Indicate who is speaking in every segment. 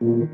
Speaker 1: You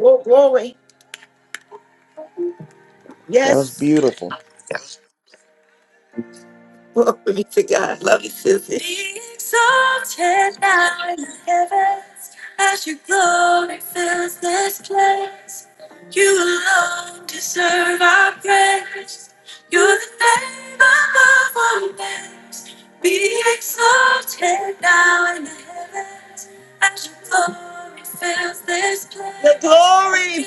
Speaker 1: oh, glory.
Speaker 2: That was
Speaker 1: Yes.
Speaker 2: beautiful.
Speaker 1: Glory to God. Love you, sis. glory,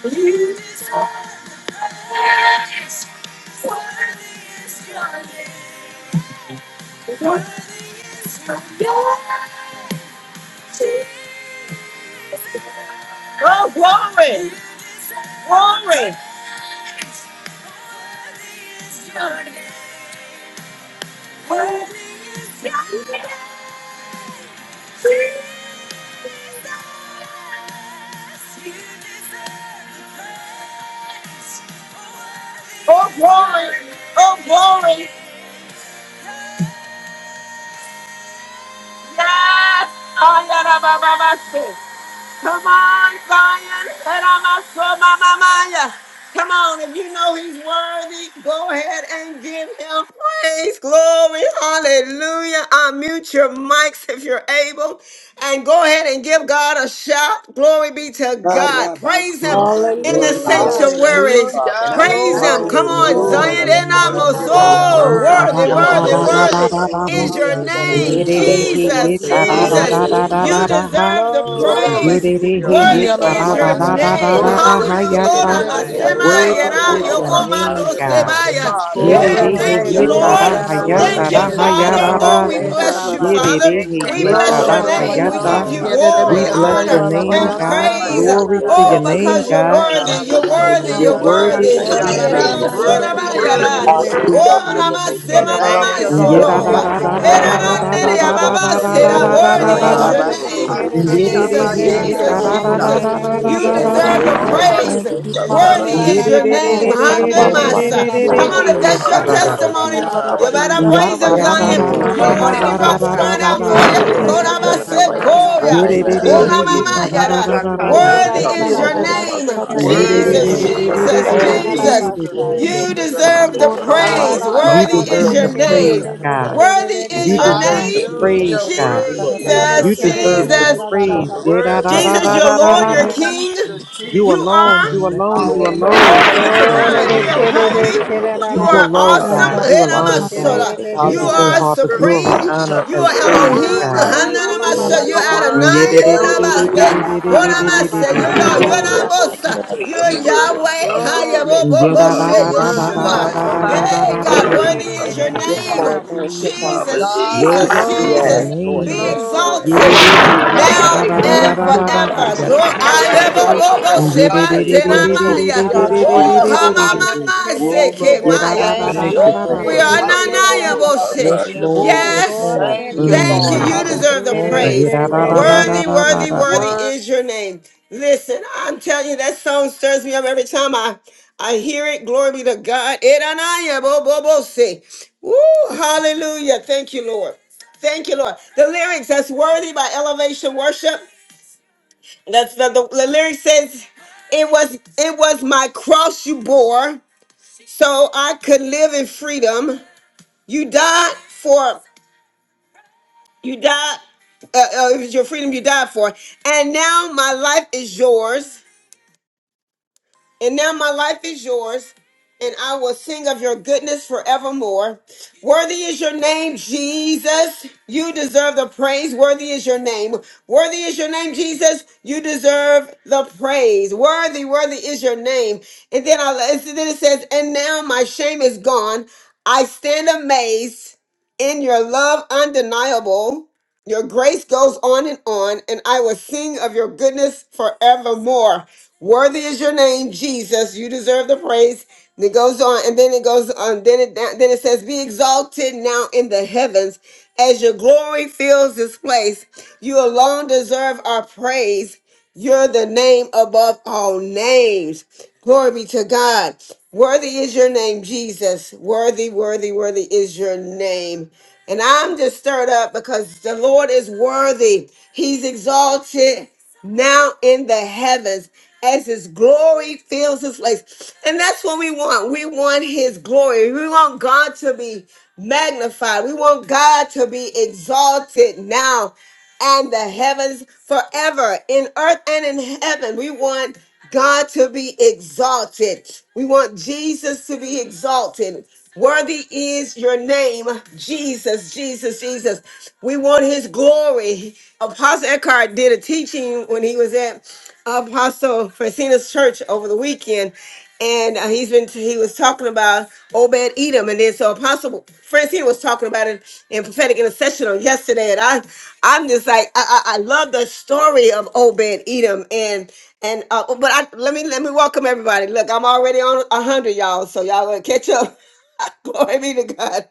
Speaker 1: Please. Oh, glory. Glory. Oh, glory. Oh, glory. Yes. Ayarabababase. Come on, Zion. Let out my my, my, my. Come on, if you know he's worthy, go ahead and give him praise, glory, hallelujah. Unmute your mics if you're able and go ahead and give God a shout. Glory be to God. Praise him in
Speaker 3: Karabasuriande
Speaker 1: the
Speaker 2: Yes,
Speaker 4: Hallelujah.
Speaker 5: Hallelujah.
Speaker 2: Lord.
Speaker 3: Rabasi,
Speaker 2: Thank you,
Speaker 1: sanctuaries.
Speaker 6: Hallelujah.
Speaker 2: Father.
Speaker 1: Praise
Speaker 3: Mandelo
Speaker 6: Thank
Speaker 1: him.
Speaker 5: Glory,
Speaker 1: Come
Speaker 2: You're
Speaker 1: on,
Speaker 2: so
Speaker 7: Glory,
Speaker 3: Bosurianda
Speaker 4: Hallelujah.
Speaker 1: Zion.
Speaker 2: worthy
Speaker 5: glory.
Speaker 2: of the
Speaker 3: Rabasi,
Speaker 5: Hiya
Speaker 2: best.
Speaker 6: you.
Speaker 5: ba
Speaker 8: Hallelujah,
Speaker 1: Enamos.
Speaker 6: You
Speaker 9: Tara
Speaker 5: ba
Speaker 6: are
Speaker 5: ba
Speaker 9: ना
Speaker 5: ba
Speaker 1: Oh,
Speaker 8: glory to
Speaker 5: ba
Speaker 4: Shandarabosata,
Speaker 3: Kirabasanda,
Speaker 6: worthy.
Speaker 5: da
Speaker 9: Tara
Speaker 1: worthy,
Speaker 5: da
Speaker 9: रा
Speaker 2: You
Speaker 6: You
Speaker 5: da.
Speaker 2: are
Speaker 9: रा
Speaker 6: are
Speaker 1: worthy,
Speaker 9: रा
Speaker 8: God.
Speaker 2: worthy
Speaker 9: रा
Speaker 5: da.
Speaker 3: Rama
Speaker 2: of
Speaker 4: yalalabosi.
Speaker 9: रा
Speaker 2: it,
Speaker 6: worthy,
Speaker 1: worthy
Speaker 9: रा
Speaker 2: Lord
Speaker 9: रा
Speaker 2: God.
Speaker 9: रा
Speaker 1: is
Speaker 8: You
Speaker 6: Lord.
Speaker 2: Thank
Speaker 1: your
Speaker 2: you,
Speaker 8: are
Speaker 3: Masotorianda
Speaker 1: name,
Speaker 9: ये
Speaker 2: Jesus.
Speaker 9: रे
Speaker 3: Rabasi.
Speaker 9: रे
Speaker 2: Yes,
Speaker 8: worthy,
Speaker 9: hey
Speaker 4: Ulabosi,
Speaker 8: you are
Speaker 9: ये
Speaker 2: Lord.
Speaker 1: Jesus.
Speaker 9: तारा रा
Speaker 2: Thank
Speaker 6: Hallelujah.
Speaker 9: रा
Speaker 3: Worthy
Speaker 8: worthy,
Speaker 2: you,
Speaker 9: रा रा
Speaker 3: is
Speaker 2: Jesus.
Speaker 9: रा
Speaker 1: You
Speaker 3: your
Speaker 8: you
Speaker 4: yalalabosata,
Speaker 6: Hallelujah,
Speaker 9: रा
Speaker 3: name.
Speaker 9: हा
Speaker 1: deserve
Speaker 6: Jesus.
Speaker 1: the
Speaker 8: are
Speaker 2: Yes,
Speaker 8: just.
Speaker 5: Glory.
Speaker 9: ये
Speaker 2: Jesus.
Speaker 3: Rama
Speaker 6: Glory
Speaker 1: praise.
Speaker 9: रे
Speaker 4: yalalabosata.
Speaker 6: to
Speaker 9: रे
Speaker 2: You
Speaker 9: hey
Speaker 6: your
Speaker 3: Sedero
Speaker 10: Thank
Speaker 9: ये
Speaker 10: you,
Speaker 6: name.
Speaker 1: Worthy
Speaker 9: Tara
Speaker 1: is your
Speaker 2: believe
Speaker 9: रा
Speaker 2: me.
Speaker 9: रा
Speaker 10: Jesus.
Speaker 9: रा रा
Speaker 1: name.
Speaker 9: रा
Speaker 10: Thank
Speaker 7: hallelujah,
Speaker 3: Rabasi,
Speaker 9: रा हा
Speaker 6: Glory
Speaker 4: Ulabosi,
Speaker 1: Hallelujah.
Speaker 2: Yes,
Speaker 9: या
Speaker 6: to
Speaker 9: था
Speaker 6: your
Speaker 1: Ora
Speaker 2: Jesus.
Speaker 3: Karo
Speaker 6: name.
Speaker 2: Yes, Lord.
Speaker 4: yalalabosata,
Speaker 6: Thank
Speaker 1: masemaya
Speaker 9: Worthy
Speaker 4: yalalabosata,
Speaker 6: you,
Speaker 1: na
Speaker 9: is your
Speaker 2: Hallelujah.
Speaker 6: Lord.
Speaker 4: robosata,
Speaker 10: you,
Speaker 3: Rabashi,
Speaker 10: Jesus.
Speaker 9: name,
Speaker 1: yokomando
Speaker 6: Oh,
Speaker 8: You
Speaker 9: God.
Speaker 3: Rabasi,
Speaker 4: yalalabosi.
Speaker 1: sebaya.
Speaker 8: just
Speaker 6: God,
Speaker 2: Yes,
Speaker 6: bless
Speaker 5: Glory
Speaker 1: Hey,
Speaker 6: your
Speaker 5: be
Speaker 2: Jesus.
Speaker 8: alone.
Speaker 9: Yererehe
Speaker 5: de
Speaker 6: name.
Speaker 1: thank you,
Speaker 5: de
Speaker 9: ye
Speaker 2: Yes,
Speaker 8: Thank
Speaker 5: de
Speaker 3: Ikorianda
Speaker 6: Oh
Speaker 5: de
Speaker 8: you
Speaker 9: tara
Speaker 2: Jesus.
Speaker 1: Lord.
Speaker 5: da
Speaker 8: for
Speaker 4: Yalabosata,
Speaker 5: da
Speaker 8: who
Speaker 9: haya
Speaker 5: ba
Speaker 2: Yes,
Speaker 8: you
Speaker 1: Thank
Speaker 3: Ramasurianda
Speaker 1: you,
Speaker 9: tara
Speaker 5: she
Speaker 2: Jesus.
Speaker 8: are.
Speaker 5: de
Speaker 2: Thank you,
Speaker 4: yalalabosata,
Speaker 9: haya
Speaker 3: Rabasi,
Speaker 5: ke
Speaker 6: Shakanda
Speaker 1: Father.
Speaker 5: de
Speaker 2: Father.
Speaker 5: de
Speaker 1: Oh,
Speaker 9: rara.
Speaker 5: de
Speaker 1: we
Speaker 5: de
Speaker 2: Thank
Speaker 8: Bless
Speaker 2: you,
Speaker 5: da da
Speaker 1: bless
Speaker 4: yalalabosi.
Speaker 3: Rabba
Speaker 1: you,
Speaker 2: Jesus.
Speaker 3: Baba
Speaker 5: ba.
Speaker 6: Lasata.
Speaker 8: you,
Speaker 1: Father.
Speaker 9: Yererehe
Speaker 2: We
Speaker 1: We
Speaker 6: Eke
Speaker 9: ye
Speaker 3: Surianda
Speaker 8: praise
Speaker 2: Bless
Speaker 1: bless
Speaker 2: you,
Speaker 1: your
Speaker 2: Lord,
Speaker 9: tara
Speaker 3: Rabasi,
Speaker 5: Glory,
Speaker 1: name.
Speaker 2: today,
Speaker 1: We
Speaker 6: Bashakanda
Speaker 8: you,
Speaker 2: Lord
Speaker 9: hayata.
Speaker 1: give
Speaker 2: God.
Speaker 1: you
Speaker 4: Shandarabosata,
Speaker 8: bless
Speaker 2: Thank
Speaker 5: glory,
Speaker 2: you,
Speaker 6: Lasata.
Speaker 8: you,
Speaker 2: Lord.
Speaker 8: Lord.
Speaker 1: glory,
Speaker 9: We
Speaker 3: Nanda
Speaker 9: bless
Speaker 5: glory.
Speaker 9: your
Speaker 1: honor,
Speaker 4: yalalabosi.
Speaker 5: Hiya ba
Speaker 9: name,
Speaker 1: and
Speaker 5: ba
Speaker 6: Oko
Speaker 9: God.
Speaker 5: ba
Speaker 6: Banda
Speaker 5: ba
Speaker 1: praise.
Speaker 5: ba da
Speaker 9: Glory
Speaker 5: da
Speaker 9: to
Speaker 5: da
Speaker 9: your
Speaker 1: Oh,
Speaker 5: de
Speaker 4: Yalabosata,
Speaker 6: Lasata
Speaker 5: ke
Speaker 9: name,
Speaker 1: because
Speaker 5: de
Speaker 3: Rabasi.
Speaker 1: you're
Speaker 5: de
Speaker 9: God.
Speaker 5: da
Speaker 4: yalalabosata,
Speaker 6: Lasata.
Speaker 5: da
Speaker 1: worthy,
Speaker 2: Yes,
Speaker 5: da
Speaker 8: praise
Speaker 5: ba.
Speaker 1: you're
Speaker 8: you,
Speaker 2: you're so
Speaker 1: worthy,
Speaker 8: Lord.
Speaker 2: worthy
Speaker 9: You're
Speaker 1: you're
Speaker 2: of
Speaker 4: yalalabosi.
Speaker 9: worthy
Speaker 6: Worthy
Speaker 1: worthy.
Speaker 9: to
Speaker 5: Ro da
Speaker 9: be
Speaker 6: of
Speaker 5: la
Speaker 1: Oh,
Speaker 5: da
Speaker 2: it.
Speaker 8: Praise
Speaker 6: your
Speaker 4: Roll
Speaker 5: da
Speaker 9: praised.
Speaker 8: you,
Speaker 5: man
Speaker 8: Lord.
Speaker 5: da da
Speaker 1: ramasora
Speaker 6: worthy,
Speaker 5: da de
Speaker 1: maya
Speaker 5: ke
Speaker 8: We praise
Speaker 5: de
Speaker 6: worthy,
Speaker 1: ra.
Speaker 5: de de
Speaker 4: up,
Speaker 6: worthy.
Speaker 5: de da
Speaker 2: Hallelujah.
Speaker 5: da ba
Speaker 1: Ora
Speaker 8: you,
Speaker 5: she
Speaker 1: mase-
Speaker 5: ke
Speaker 8: Lord.
Speaker 5: de de de
Speaker 6: Thank
Speaker 5: de
Speaker 6: you,
Speaker 5: de de
Speaker 9: Get
Speaker 2: Yes,
Speaker 6: Lord.
Speaker 9: da
Speaker 5: de
Speaker 8: We
Speaker 6: Hey,
Speaker 5: da
Speaker 9: da
Speaker 1: Anamaisoro.
Speaker 2: Lord.
Speaker 5: da
Speaker 9: da
Speaker 2: Yes,
Speaker 9: da
Speaker 5: ba
Speaker 8: praise
Speaker 9: da
Speaker 8: your
Speaker 2: Lord.
Speaker 9: da
Speaker 5: she
Speaker 6: Shekanda
Speaker 9: da da
Speaker 2: Thank
Speaker 5: da
Speaker 6: la
Speaker 5: da
Speaker 2: you,
Speaker 8: name.
Speaker 6: sata.
Speaker 5: da
Speaker 9: da da da
Speaker 1: Eranandere
Speaker 5: da
Speaker 4: Roll
Speaker 9: da
Speaker 2: Jesus.
Speaker 5: ba.
Speaker 8: We give
Speaker 9: da da
Speaker 1: ababasera.
Speaker 2: Glory
Speaker 9: da
Speaker 8: you
Speaker 9: da
Speaker 2: to
Speaker 9: da
Speaker 1: Worthy
Speaker 9: da
Speaker 1: is
Speaker 5: ba,
Speaker 6: Oh,
Speaker 8: glory.
Speaker 9: da.
Speaker 5: ba.
Speaker 1: your
Speaker 2: you.
Speaker 1: name.
Speaker 6: hala
Speaker 3: Rabababase,
Speaker 8: We
Speaker 5: se
Speaker 6: la
Speaker 5: de
Speaker 8: give
Speaker 5: de
Speaker 9: Get
Speaker 3: Bidibo
Speaker 5: de
Speaker 8: you
Speaker 6: sata
Speaker 9: it it
Speaker 5: de
Speaker 1: Jesus,
Speaker 6: ba
Speaker 5: de
Speaker 9: it
Speaker 8: glory.
Speaker 2: Thank
Speaker 9: it
Speaker 3: Sorianda
Speaker 2: you,
Speaker 6: yete
Speaker 9: da
Speaker 1: Jesus,
Speaker 9: da
Speaker 2: Lord.
Speaker 9: da
Speaker 6: busa.
Speaker 9: da
Speaker 3: Rabaseke.
Speaker 8: Honor
Speaker 9: da
Speaker 1: Jesus,
Speaker 9: da
Speaker 8: belongs
Speaker 9: da da
Speaker 1: you
Speaker 9: da
Speaker 2: Thank
Speaker 5: da
Speaker 8: to
Speaker 7: Jesus.
Speaker 3: Yes,
Speaker 8: you.
Speaker 2: you,
Speaker 5: ba,
Speaker 1: deserve
Speaker 9: da da
Speaker 1: the
Speaker 3: yes,
Speaker 8: Lord,
Speaker 9: da
Speaker 6: Oh,
Speaker 3: yes,
Speaker 2: Jesus.
Speaker 6: Lord,
Speaker 9: da.
Speaker 3: yes,
Speaker 1: praise.
Speaker 7: Thank
Speaker 8: Father,
Speaker 3: yes,
Speaker 7: you,
Speaker 6: te
Speaker 3: yes,
Speaker 6: manda
Speaker 3: yes.
Speaker 7: Father.
Speaker 1: Worthy
Speaker 5: Ora
Speaker 1: is
Speaker 9: Get
Speaker 6: la
Speaker 5: da
Speaker 8: Lord,
Speaker 1: your
Speaker 9: it
Speaker 5: da da
Speaker 9: it it
Speaker 5: de
Speaker 1: name.
Speaker 5: de
Speaker 9: it it
Speaker 6: sata
Speaker 7: Ora
Speaker 9: it it
Speaker 5: kere
Speaker 6: basa.
Speaker 5: de
Speaker 9: it
Speaker 7: baba
Speaker 2: What
Speaker 5: de
Speaker 9: it
Speaker 2: is
Speaker 5: da
Speaker 1: Handemas.
Speaker 3: Mm.
Speaker 5: da
Speaker 9: it
Speaker 5: da
Speaker 7: bakanda
Speaker 5: ba.
Speaker 1: Come
Speaker 9: it
Speaker 7: ye,
Speaker 1: on,
Speaker 5: se
Speaker 1: if
Speaker 8: we
Speaker 5: se
Speaker 6: Moko
Speaker 9: it
Speaker 1: that's
Speaker 9: da
Speaker 1: your
Speaker 9: da da
Speaker 6: basha
Speaker 9: da da.
Speaker 1: testimony,
Speaker 6: kanda
Speaker 7: yala laba
Speaker 1: you better
Speaker 7: yanda
Speaker 6: basata.
Speaker 9: Ya
Speaker 8: Thank you,
Speaker 1: praise
Speaker 7: laba
Speaker 9: da
Speaker 1: him,
Speaker 7: ya
Speaker 9: da
Speaker 2: yes,
Speaker 8: Jesus.
Speaker 9: da
Speaker 1: Zion.
Speaker 9: da
Speaker 7: soko
Speaker 8: We
Speaker 5: O
Speaker 2: Lord.
Speaker 9: da da
Speaker 7: ye,
Speaker 1: You don't
Speaker 9: da
Speaker 1: want
Speaker 8: bless
Speaker 1: any
Speaker 6: Eke
Speaker 5: Baba,
Speaker 9: da
Speaker 8: you,
Speaker 9: da da
Speaker 1: rocks
Speaker 5: Baba
Speaker 8: Lord.
Speaker 6: basha
Speaker 9: da
Speaker 1: crying
Speaker 5: se
Speaker 1: out
Speaker 9: da da
Speaker 6: kaba
Speaker 1: for
Speaker 9: da
Speaker 8: We
Speaker 7: yere
Speaker 9: da
Speaker 1: you.
Speaker 5: se se se
Speaker 9: da.
Speaker 7: lebe
Speaker 6: sheke
Speaker 8: bless
Speaker 5: de de
Speaker 8: your
Speaker 7: yanda
Speaker 5: de de
Speaker 7: laba
Speaker 5: de
Speaker 8: holy
Speaker 6: basaka.
Speaker 7: ya
Speaker 5: de da da
Speaker 2: Yes,
Speaker 9: Get
Speaker 7: sanda
Speaker 5: da
Speaker 8: name.
Speaker 9: it
Speaker 7: yere
Speaker 5: ba.
Speaker 1: Orabasekoya.
Speaker 9: it
Speaker 2: Jesus.
Speaker 7: laba
Speaker 9: it
Speaker 2: Yes,
Speaker 7: ya,
Speaker 9: it
Speaker 8: We
Speaker 9: it
Speaker 2: Jesus.
Speaker 9: da
Speaker 8: thank you
Speaker 9: da da
Speaker 1: Onamamayara.
Speaker 9: da
Speaker 6: Hasha
Speaker 9: da
Speaker 8: for
Speaker 9: da
Speaker 8: who
Speaker 9: da
Speaker 6: kanda.
Speaker 9: da
Speaker 8: you
Speaker 5: Ora
Speaker 9: da.
Speaker 1: Worthy
Speaker 5: da
Speaker 8: are,
Speaker 2: Thank you,
Speaker 5: da
Speaker 1: is
Speaker 5: da
Speaker 7: yere
Speaker 2: Father.
Speaker 1: your
Speaker 5: da
Speaker 7: lebe
Speaker 8: Lord.
Speaker 5: ba
Speaker 7: ya
Speaker 1: name.
Speaker 5: se ke
Speaker 7: sata
Speaker 5: te
Speaker 7: yere
Speaker 9: Get
Speaker 2: What
Speaker 8: You
Speaker 9: it
Speaker 2: is
Speaker 7: lebe
Speaker 5: kere
Speaker 9: it
Speaker 2: your
Speaker 8: are
Speaker 9: it
Speaker 1: Jesus,
Speaker 5: de
Speaker 7: yanda
Speaker 2: name?
Speaker 6: Worthy
Speaker 8: to
Speaker 9: it
Speaker 6: is
Speaker 5: de
Speaker 9: it it
Speaker 5: de
Speaker 6: your
Speaker 7: laba
Speaker 8: be
Speaker 9: it
Speaker 5: de
Speaker 7: ya
Speaker 1: Jesus,
Speaker 5: de
Speaker 6: name.
Speaker 9: it
Speaker 5: de
Speaker 2: Thank
Speaker 5: da
Speaker 8: praised.
Speaker 2: you,
Speaker 5: da
Speaker 9: it
Speaker 7: sanda.
Speaker 1: Jesus.
Speaker 9: it
Speaker 5: ba.
Speaker 2: Jesus.
Speaker 6: Jesus,
Speaker 9: it
Speaker 5: sa
Speaker 8: You
Speaker 9: it.
Speaker 5: ya.
Speaker 1: You
Speaker 8: are
Speaker 1: deserve
Speaker 6: Jesus.
Speaker 8: to be
Speaker 1: the
Speaker 7: Ora baba
Speaker 8: praised.
Speaker 5: Ora
Speaker 1: praise.
Speaker 5: da da
Speaker 7: haya
Speaker 5: da
Speaker 6: Hallelujah.
Speaker 9: You
Speaker 5: ba
Speaker 1: Worthy
Speaker 8: We
Speaker 6: You
Speaker 7: laba
Speaker 1: is
Speaker 9: deserve
Speaker 5: se
Speaker 1: your
Speaker 9: the
Speaker 7: yanda
Speaker 5: kere
Speaker 8: honor
Speaker 7: laba
Speaker 5: de
Speaker 8: you,
Speaker 9: praise,
Speaker 6: deserve
Speaker 7: ya
Speaker 1: name.
Speaker 5: de
Speaker 6: the
Speaker 5: de
Speaker 7: sa,
Speaker 5: de
Speaker 8: Lord.
Speaker 9: God.
Speaker 5: de
Speaker 6: praise.
Speaker 4: up,
Speaker 5: de
Speaker 1: Worthy
Speaker 5: de de
Speaker 8: We
Speaker 1: is
Speaker 9: You
Speaker 5: de
Speaker 1: your
Speaker 5: da
Speaker 9: deserve
Speaker 8: honor
Speaker 5: ba.
Speaker 9: the
Speaker 2: Yes,
Speaker 8: you,
Speaker 1: name.
Speaker 2: Lord.
Speaker 8: Lord.
Speaker 9: praise,
Speaker 7: yere
Speaker 6: Hallelujah.
Speaker 4: Hallelujah. Hallelujah. Shandalabo Sataya
Speaker 7: lebe
Speaker 9: God.
Speaker 8: We
Speaker 7: yanda
Speaker 6: Worthy
Speaker 5: Da
Speaker 7: laba
Speaker 5: da
Speaker 6: is
Speaker 5: de
Speaker 9: You
Speaker 6: your
Speaker 1: Jesus,
Speaker 7: yanda
Speaker 6: name.
Speaker 5: kere
Speaker 7: laba.
Speaker 5: de
Speaker 8: glorify
Speaker 9: deserve
Speaker 4: Lobos
Speaker 5: de da
Speaker 9: the
Speaker 5: da
Speaker 8: you,
Speaker 1: Jesus.
Speaker 5: da da
Speaker 9: praise.
Speaker 8: Lord.
Speaker 5: ba,
Speaker 9: Yeah, da,
Speaker 5: se
Speaker 6: Worthy
Speaker 9: da,
Speaker 8: We say
Speaker 9: da,
Speaker 6: is
Speaker 5: kara
Speaker 1: Jesus,
Speaker 5: da
Speaker 9: da,
Speaker 1: your
Speaker 5: da
Speaker 6: your
Speaker 9: da,
Speaker 5: de
Speaker 9: da,
Speaker 1: Lord,
Speaker 9: da,
Speaker 8: thank
Speaker 6: name,
Speaker 1: your
Speaker 9: da.
Speaker 7: Glory
Speaker 5: kere
Speaker 7: to
Speaker 8: you,
Speaker 5: da
Speaker 7: the
Speaker 5: da.
Speaker 1: King.
Speaker 6: Jesus,
Speaker 8: Jesus.
Speaker 9: You
Speaker 1: You
Speaker 6: Jesus.
Speaker 9: alone,
Speaker 7: Lord.
Speaker 1: are
Speaker 9: you
Speaker 2: Thank
Speaker 8: Thank
Speaker 9: alone,
Speaker 8: you,
Speaker 2: you,
Speaker 9: you alone.
Speaker 8: Jesus,
Speaker 2: Jesus.
Speaker 6: Hallelujah.
Speaker 4: Rollabos
Speaker 1: to
Speaker 6: Thank
Speaker 5: Ora
Speaker 1: God.
Speaker 6: you,
Speaker 5: de
Speaker 4: Yellow
Speaker 6: Jesus.
Speaker 1: You're
Speaker 8: Lord.
Speaker 5: kere
Speaker 4: Robot
Speaker 5: de
Speaker 1: holy.
Speaker 5: kere da
Speaker 6: You
Speaker 1: You
Speaker 4: Shandalabo
Speaker 9: You
Speaker 5: da
Speaker 2: Yes,
Speaker 5: da
Speaker 1: are
Speaker 5: da da
Speaker 9: alone,
Speaker 2: Lord.
Speaker 5: da da da
Speaker 1: awesome.
Speaker 4: Sataya
Speaker 9: God.
Speaker 5: da
Speaker 7: Ora baba
Speaker 8: Yes,
Speaker 9: You
Speaker 5: ba si
Speaker 6: are
Speaker 8: Lord.
Speaker 9: alone,
Speaker 6: worthy. You
Speaker 7: bakanda
Speaker 5: kere
Speaker 7: ye,
Speaker 9: God.
Speaker 5: de
Speaker 1: Hanamasora.
Speaker 5: de de
Speaker 9: You
Speaker 1: You
Speaker 5: da
Speaker 8: Yes,
Speaker 5: da da
Speaker 9: deserve
Speaker 2: Hallelujah.
Speaker 1: are
Speaker 5: ba.
Speaker 8: Lord.
Speaker 9: all the
Speaker 6: are
Speaker 8: Thank
Speaker 9: glory,
Speaker 1: supreme.
Speaker 8: you.
Speaker 9: honor,
Speaker 1: You
Speaker 9: and
Speaker 1: are
Speaker 6: worthy. You are
Speaker 9: praise,
Speaker 5: Ba
Speaker 1: Elohim.
Speaker 6: worthy.
Speaker 5: ba
Speaker 9: God.
Speaker 5: ba ba ba ba
Speaker 7: yala
Speaker 8: Thank
Speaker 5: ba
Speaker 1: Hananamasa.
Speaker 6: You
Speaker 1: You're
Speaker 7: laba
Speaker 6: are worthy.
Speaker 9: Yeah,
Speaker 5: glory
Speaker 1: Adonai.
Speaker 6: Hello,
Speaker 5: glory
Speaker 6: Shanda
Speaker 1: Hanabahe.
Speaker 6: La
Speaker 8: you,
Speaker 5: haya ba ba
Speaker 6: Sata.
Speaker 5: ba
Speaker 8: Lord,
Speaker 5: ba
Speaker 1: Honamasa.
Speaker 5: ba
Speaker 8: for
Speaker 1: You're
Speaker 5: da
Speaker 8: who
Speaker 6: You
Speaker 1: Yah-
Speaker 5: da
Speaker 7: yere
Speaker 6: are
Speaker 1: you're
Speaker 5: da
Speaker 7: lebe
Speaker 5: da
Speaker 8: you
Speaker 7: ya
Speaker 5: da
Speaker 6: worthy,
Speaker 5: ba
Speaker 7: sata
Speaker 1: Nambosa.
Speaker 7: yere
Speaker 6: Lord.
Speaker 5: sa.
Speaker 7: laba
Speaker 6: You
Speaker 1: You're
Speaker 6: are
Speaker 8: are.
Speaker 7: yanda
Speaker 6: worthy,
Speaker 4: Lobos.
Speaker 7: laba.
Speaker 6: Lord.
Speaker 1: Yahweh.
Speaker 8: Thank you
Speaker 5: Glory
Speaker 9: da,
Speaker 6: You
Speaker 9: da,
Speaker 5: glory
Speaker 6: are
Speaker 1: Hayaboboboshe.
Speaker 9: da,
Speaker 1: You're
Speaker 8: for
Speaker 5: ha
Speaker 9: da, da,
Speaker 1: Shue.
Speaker 5: ba
Speaker 6: worthy,
Speaker 8: glorify
Speaker 9: da,
Speaker 5: ba
Speaker 6: Lord.
Speaker 9: da, da,
Speaker 5: ba
Speaker 9: da,
Speaker 5: ba
Speaker 6: Nobody
Speaker 9: da,
Speaker 8: your
Speaker 6: can
Speaker 8: name.
Speaker 9: da,
Speaker 6: do
Speaker 9: da, da, da, da, yeah, da. Yeah, da, da, da, da, da, da, da, da, da, da,
Speaker 5: kere
Speaker 9: da, da,
Speaker 1: God,
Speaker 5: de
Speaker 9: da,
Speaker 6: this
Speaker 9: da, da, da,
Speaker 6: like
Speaker 1: worthy
Speaker 5: kere
Speaker 6: you
Speaker 5: de
Speaker 1: is
Speaker 9: da,
Speaker 5: de
Speaker 1: your
Speaker 6: can,
Speaker 9: yeah,
Speaker 5: de de
Speaker 9: da.
Speaker 1: name.
Speaker 2: Yes,
Speaker 5: da
Speaker 8: Thank
Speaker 5: da
Speaker 6: Father.
Speaker 2: Lord.
Speaker 5: ba.
Speaker 2: Thank
Speaker 8: you,
Speaker 2: you,
Speaker 8: thank
Speaker 2: Father.
Speaker 6: God, I
Speaker 1: Jesus,
Speaker 9: Worthy
Speaker 6: bless
Speaker 9: is
Speaker 6: your
Speaker 9: your
Speaker 2: Yes,
Speaker 1: Jesus,
Speaker 8: you,
Speaker 5: Glory
Speaker 6: name
Speaker 2: Lord.
Speaker 1: be
Speaker 8: Lord.
Speaker 9: name.
Speaker 2: Yes,
Speaker 6: today.
Speaker 2: Lord.
Speaker 5: glory
Speaker 9: Yeah, da,
Speaker 1: exalted
Speaker 9: da, yeah,
Speaker 8: Thank
Speaker 6: You
Speaker 9: yeah,
Speaker 8: you,
Speaker 5: glory
Speaker 6: are
Speaker 9: da, da,
Speaker 1: now
Speaker 6: a
Speaker 9: da,
Speaker 5: haya
Speaker 9: da,
Speaker 8: Jesus,
Speaker 5: ba
Speaker 9: da,
Speaker 6: great
Speaker 1: and
Speaker 2: In
Speaker 9: da,
Speaker 5: ba
Speaker 2: the
Speaker 9: da,
Speaker 5: ba
Speaker 9: da,
Speaker 2: name
Speaker 5: ba
Speaker 2: of
Speaker 1: forever.
Speaker 5: da
Speaker 9: yeah,
Speaker 5: de
Speaker 1: Glory,
Speaker 9: da.
Speaker 2: Jesus,
Speaker 6: You
Speaker 5: kere
Speaker 2: Lord
Speaker 5: de
Speaker 6: are
Speaker 1: I
Speaker 2: God.
Speaker 8: for
Speaker 5: de da
Speaker 1: bo
Speaker 2: Thank
Speaker 1: bo
Speaker 2: you,
Speaker 5: ba.
Speaker 1: bo
Speaker 6: grateful.
Speaker 9: Yeah,
Speaker 2: Father.
Speaker 6: I
Speaker 9: da, da,
Speaker 6: am
Speaker 9: da, da, da, da, da, da, da, da,
Speaker 2: Yes,
Speaker 9: da,
Speaker 6: grateful.
Speaker 1: semantenamaya.
Speaker 2: Jesus.
Speaker 6: We are
Speaker 2: Yes,
Speaker 1: Woo,
Speaker 2: Jesus.
Speaker 6: grateful.
Speaker 9: da, da, da, da, da.
Speaker 1: hamamama
Speaker 6: Hallelujah.
Speaker 8: loving
Speaker 9: Yeah, da, da,
Speaker 1: sekemaya.
Speaker 9: da,
Speaker 8: us.
Speaker 6: Thank
Speaker 9: da,
Speaker 6: you,
Speaker 2: Thank
Speaker 9: da,
Speaker 2: you,
Speaker 9: da, da,
Speaker 1: Woo,
Speaker 2: Father.
Speaker 1: we
Speaker 9: da,
Speaker 6: Jesus.
Speaker 1: are
Speaker 9: da,
Speaker 1: na
Speaker 9: da.
Speaker 1: na ya bo
Speaker 6: Hallelujah.
Speaker 1: boshe.
Speaker 2: Yes, Lord.
Speaker 6: Oh,
Speaker 2: Yes,
Speaker 1: Yes,
Speaker 2: Lord.
Speaker 6: thank you,
Speaker 1: thank you.
Speaker 6: Lord.
Speaker 9: Mm.
Speaker 1: You
Speaker 8: Holy,
Speaker 1: deserve the
Speaker 6: Hallelujah.
Speaker 4: Thank
Speaker 1: praise
Speaker 2: Thank
Speaker 4: you,
Speaker 9: Yeah,
Speaker 2: you,
Speaker 9: da,
Speaker 7: Thank you.
Speaker 9: da,
Speaker 4: Father
Speaker 8: holy.
Speaker 9: da,
Speaker 2: Jesus.
Speaker 9: da,
Speaker 4: God.
Speaker 9: da,
Speaker 5: Shalom,
Speaker 1: worthy
Speaker 9: da, da, da, da, da.
Speaker 6: Word.
Speaker 1: is your name. Listen, I'm telling you, that song stirs me up every time I, I hear it. Glory be to God. Eranaya bo bo bo say. Woo, hallelujah. Thank you, Lord. Thank you, Lord. The lyrics that's worthy by elevation worship. That's the, the, the lyric says, It was it was my cross you bore, so I could live in freedom. You died for you died uh, uh, it was your freedom you died for. And now my life is yours. And now my life is yours, and I will sing of your goodness forevermore. Worthy is your name, Jesus. You deserve the praise. Worthy is your name. Worthy is your name, Jesus. You deserve the praise. Worthy, worthy is your name. And then, I, and then it says, And now my shame is gone. I stand amazed in your love undeniable. Your grace goes on and on, and I will sing of your goodness forevermore. Worthy is your name, Jesus. You deserve the praise. And it goes on, and then it goes on. Then it then it says, "Be exalted now in the heavens, as your glory fills this place. You alone deserve our praise. You're the name above all names. Glory be to God. Worthy is your name, Jesus. Worthy, worthy, worthy is your name." And I'm just stirred up because the Lord is worthy. He's exalted now in the heavens as his glory fills his place. And that's what we want. We want his glory. We want God to be magnified. We want God to be exalted now and the heavens forever, in earth and in heaven. We want God to be exalted. We want Jesus to be exalted. Worthy is your name, Jesus, Jesus, Jesus. We want his glory. Apostle Eckhart did a teaching when he was at Apostle Francina's church over the weekend, and uh, he's been he was talking about Obed Edom, and then so Apostle Francine was talking about it in prophetic intercession on yesterday, and I I'm just like I I, I love the story of Obed Edom, and and uh, but I let me let me welcome everybody. Look, I'm already on a hundred y'all, so y'all gonna catch up. Glory be to God.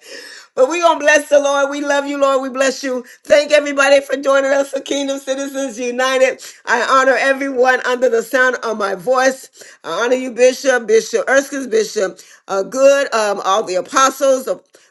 Speaker 1: But we're going to bless the Lord. We love you, Lord. We bless you. Thank everybody for joining us for Kingdom Citizens United. I honor everyone under the sound of my voice. I honor you, Bishop, Bishop Erskine, Bishop uh, Good, um, all the apostles,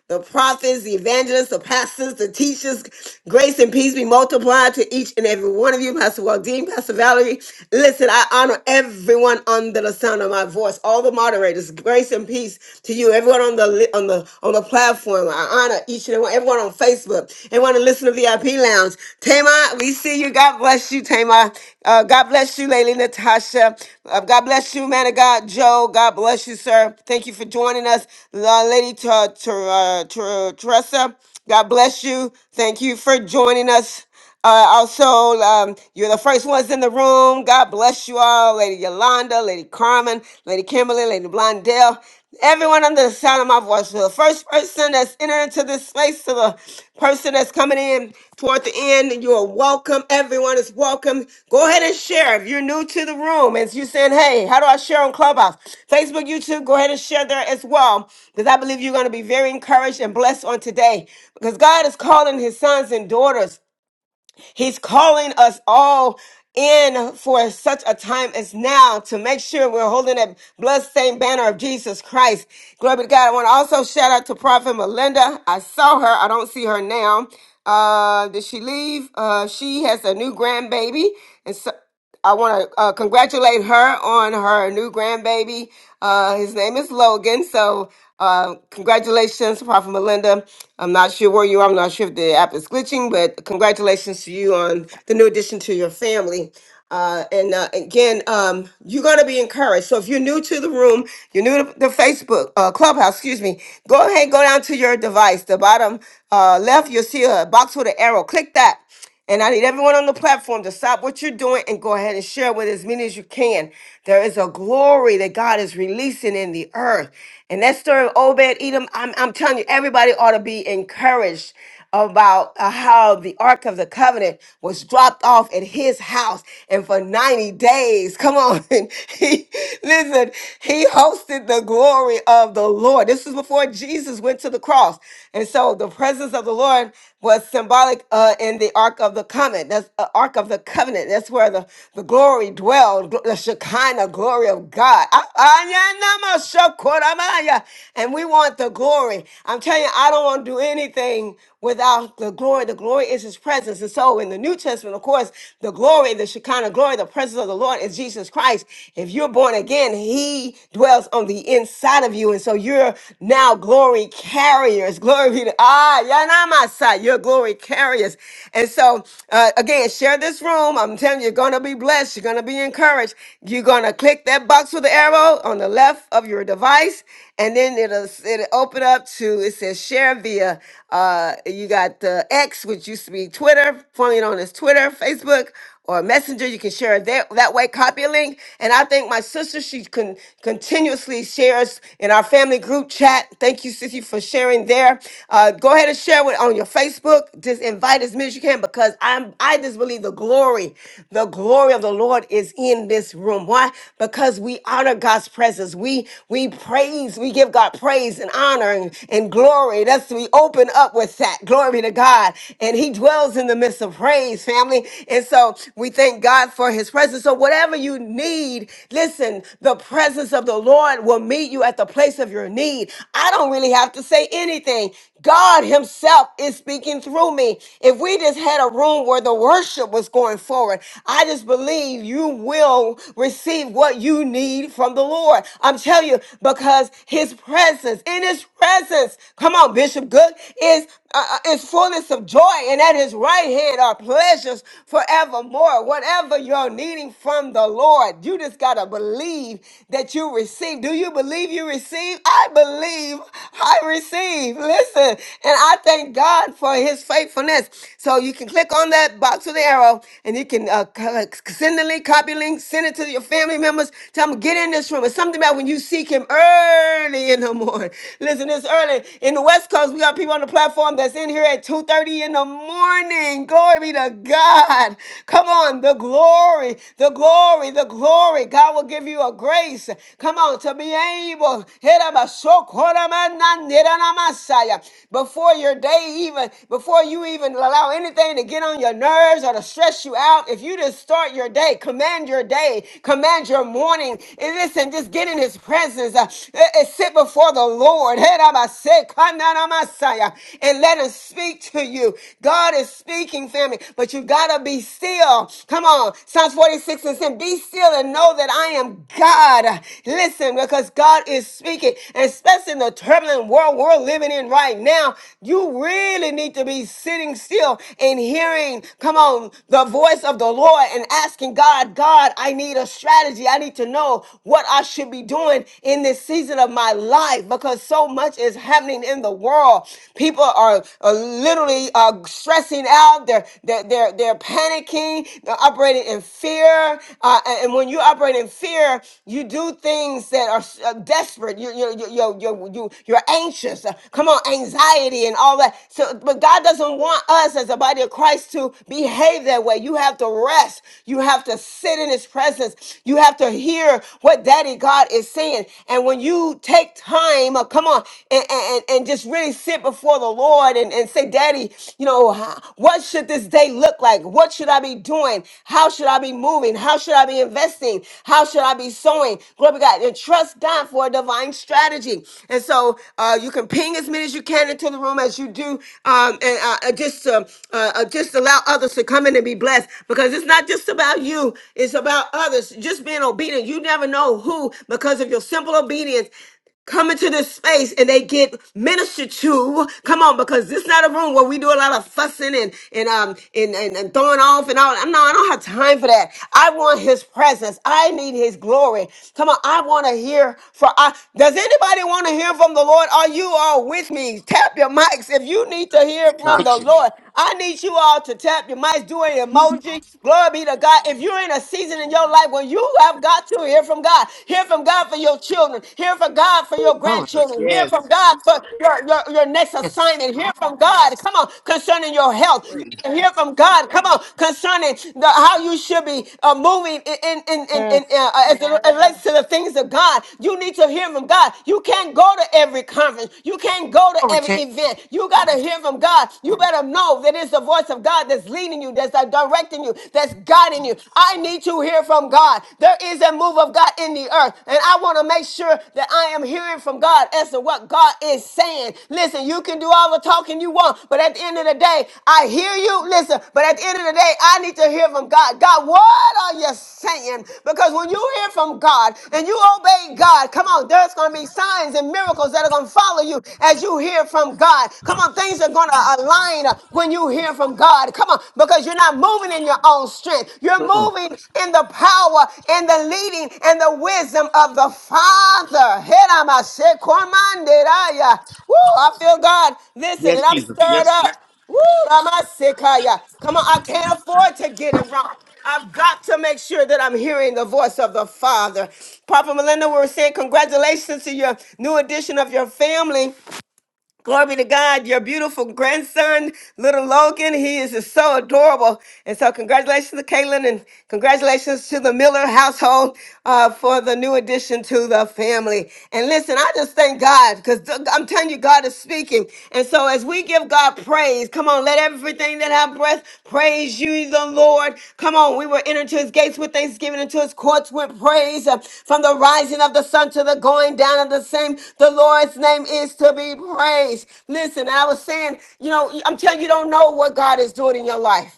Speaker 1: the prophets, the evangelists, the pastors, the teachers. Grace and peace be multiplied to each and every one of you, Pastor Waldine, Pastor Valerie. Listen, I honor everyone under the sound of my voice, all the moderators. Grace and peace to you, everyone on the li- on the on the platform. I honor each and every one, everyone on Facebook, everyone to listen to VIP Lounge. Tamar, we see you. God bless you, Tamar. Uh, God bless you, Lady Natasha. Uh, God bless you, man of God, Joe. God bless you, sir. Thank you for joining us, uh, Lady Ter- Ter- uh, Ter- Teresa. God bless you. Thank you for joining us. Uh, also, um, you're the first ones in the room. God bless you all, Lady Yolanda, Lady Carmen, Lady Kimberly, Lady Blondell. Everyone under the sound of my voice, for the first person that's entered into this space, to the person that's coming in toward the end, you are welcome. Everyone is welcome. Go ahead and share. If you're new to the room and you're saying, hey, how do I share on Clubhouse? Facebook, YouTube, go ahead and share there as well, because I believe you're going to be very encouraged and blessed on today, because God is calling his sons and daughters. He's calling us all in for such a time as now to make sure we're holding that bloodstained banner of Jesus Christ. Glory to God. I want to also shout out to Prophet Melinda. I saw her. I don't see her now. Uh, did she leave? Uh, she has a new grandbaby, and so I want to uh, congratulate her on her new grandbaby. Uh, his name is Logan. So, uh, congratulations, Prophet Melinda. I'm not sure where you are. I'm not sure if the app is glitching, but congratulations to you on the new addition to your family. Uh, and uh, again, um, you're going to be encouraged. So if you're new to the room, you're new to the Facebook uh, clubhouse, excuse me, go ahead, go down to your device. The bottom uh, left, you'll see a box with an arrow. Click that and I need everyone on the platform to stop what you're doing and go ahead and share with as many as you can. There is a glory that God is releasing in the earth. And that story of Obed Edom, I'm, I'm telling you, everybody ought to be encouraged about uh, how the Ark of the Covenant was dropped off at his house. And for 90 days, come on. And he, listen, he hosted the glory of the Lord. This is before Jesus went to the cross. And so the presence of the Lord was symbolic uh, in the Ark of the Covenant. That's the Ark of the Covenant. That's where the, the glory dwelled, gl- the Shekinah glory of God. Ah, ah, yeah, nama, shokoramaya. And we want the glory. I'm telling you, I don't want to do anything without the glory. The glory is his presence. And so in the New Testament, of course, the glory, the Shekinah glory, the presence of the Lord is Jesus Christ. If you're born again, he dwells on the inside of you. And so you're now glory carriers glory be to Ah, Yanamasa, your glory carriers. And so, uh, again, share this room. I'm telling you, you're going to be blessed. You're going to be encouraged. You're going to click that box with the arrow on the left of your device, and then it'll, it'll open up to, it says share via, uh, you got the X, which used to be Twitter, formerly known as Twitter, Facebook, or messenger. You can share it that, that way, copy a link. And I thank my sister. She can continuously shares in our family group chat. Thank you, Sissy, for sharing there. Uh, go ahead and share it on your Facebook. Just invite as many as you can because I'm I just believe the glory, the glory of the Lord is in this room. Why? Because we honor God's presence. We we praise, we give God praise and honor and, and glory. That's we open up with that. Glory to God. And He dwells in the midst midst of praise, family. And so we thank God for his presence. So whatever you need, listen, the presence of the Lord will meet you at the place of your need. I don't really have to say anything. God himself is speaking through me. If we just had a room where the worship was going forward, I just believe you will receive what you need from the Lord. I'm telling you, because his presence, in his presence, come on, Bishop Good, is uh, uh, is fullness fullness of joy, and at his right hand are pleasures forevermore. Whatever you're needing from the Lord, you just got to believe that you receive. Do you believe you receive? I believe I receive. Listen, and I thank God for his faithfulness. So you can click on that box with the arrow, and you can uh, c- c- send the link, copy link, send it to your family members. Tell them, get in this room. It's something about when you seek him early in the morning. Listen, it's early in the West. West Coast. We got people on the platform that's in here at 2:30 in the morning. Glory be to God. Come on, the glory, the glory, the glory. God will give you a grace. Come on, to be able. Before your day even, before you even allow anything to get on your nerves or to stress you out, if you just start your day, command your day, command your morning, and listen, just get in his presence. Uh, uh, uh, sit before the of the Lord. Herabashekananamasaya. And let him speak to you. God is speaking, family, but you gotta be still. Come on. Psalms 46 and 10. Be still and know that I am God. Listen, because God is speaking, and especially in the turbulent world we're living in right now. You really need to be sitting still and hearing, come on, the voice of the Lord and asking God, God, I need a strategy. I need to know what I should be doing doing in this season of my life because so much is happening in the world. People are, are literally uh, stressing out. They're, they're, they're, they're panicking. They're operating in fear. Uh, and and when you operate in fear, you do things that are s- uh, desperate. You, you, you, you, you, you, you're anxious. Uh, Come on, anxiety and all that. So, but God doesn't want us as a body of Christ to behave that way. You have to rest. You have to sit in His presence. You have to hear what Daddy God is saying. And when you take time, uh, come on, and, and, and just really sit before the Lord and, and say, Daddy, you know, h- what should this day look like? What should I be doing? How should I be moving? How should I be investing? How should I be sowing? Glory be to God. And trust God for a divine strategy. And so uh, you can ping as many as you can into the room as you do, um, and uh, uh, just, um, uh, uh, just allow others to come in and be blessed because it's not just about you you, it's about others. Just being obedient. You never know who, because of your simple obedience, come into this space and they get ministered to. Come on, because this is not a room where we do a lot of fussing and and um and, and, and throwing off and all. I'm not. I don't have time for that. I want His presence. I need His glory. Come on, I want to hear from. I, does anybody want to hear from the Lord? Are you all with me? Tap your mics if you need to hear from the
Speaker 2: Not you,
Speaker 1: Lord. I need you all to tap your mics, do an emoji. Glory be to God. If you're in a season in your life where you have got to hear from God, hear from God for your children, hear from God for your
Speaker 11: Oh,
Speaker 2: Jesus.
Speaker 1: grandchildren, hear from
Speaker 2: Yes.
Speaker 1: God for your, your, your next
Speaker 11: Yes.
Speaker 1: assignment, hear from God. Come on, concerning your health, you need to hear from God. Come on, concerning the, how you should be uh, moving in, in, in, in, in, uh, uh, as it relates to the things of God. You need to hear from God. You can't go to every conference, you can't go to
Speaker 11: Glory
Speaker 1: every
Speaker 11: to
Speaker 1: event. You got to hear from from God, you better know that it's the voice of God that's leading you, that's uh, directing you, that's guiding you. I need to hear from God. There is a move of God in the earth, and I want to make sure that I am hearing from God as to what God is saying. Listen, you can do all the talking you want, but at the end of the day, I hear you. Listen, but at the end of the day, I need to hear from God. God, what are you saying? Because when you hear from God and you obey God, come on, there's going to be signs and miracles that are going to follow you as you hear from God. God. Come on, things are going to align uh, when you hear from God. Come on, because you're not moving in your own strength. You're
Speaker 2: Mm-mm.
Speaker 1: moving in the power and the leading and the wisdom of the Father. Heramashekomanderaya. Woo, I feel God. Listen, and I'm stirred up. Woo, ramasekaya. Come on, I can't afford to get it wrong. I've got to make sure that I'm hearing the voice of the Father. Papa Melinda, we we're saying congratulations to your new addition of your family. Glory to God, your beautiful grandson, little Logan. He is just so adorable. And so, congratulations to Caitlin and congratulations to the Miller household uh, for the new addition to the family. And listen, I just thank God because I'm telling you, God is speaking. And so, as we give God praise, come on, let everything that have breath praise you, the Lord. Come on, we were entered to his gates with thanksgiving and to his courts with praise. Uh, From the rising of the sun to the going down of the same, the Lord. Lord's name is to be praised. Listen, I was saying, you know, I'm telling you, you don't know what God is doing in your life.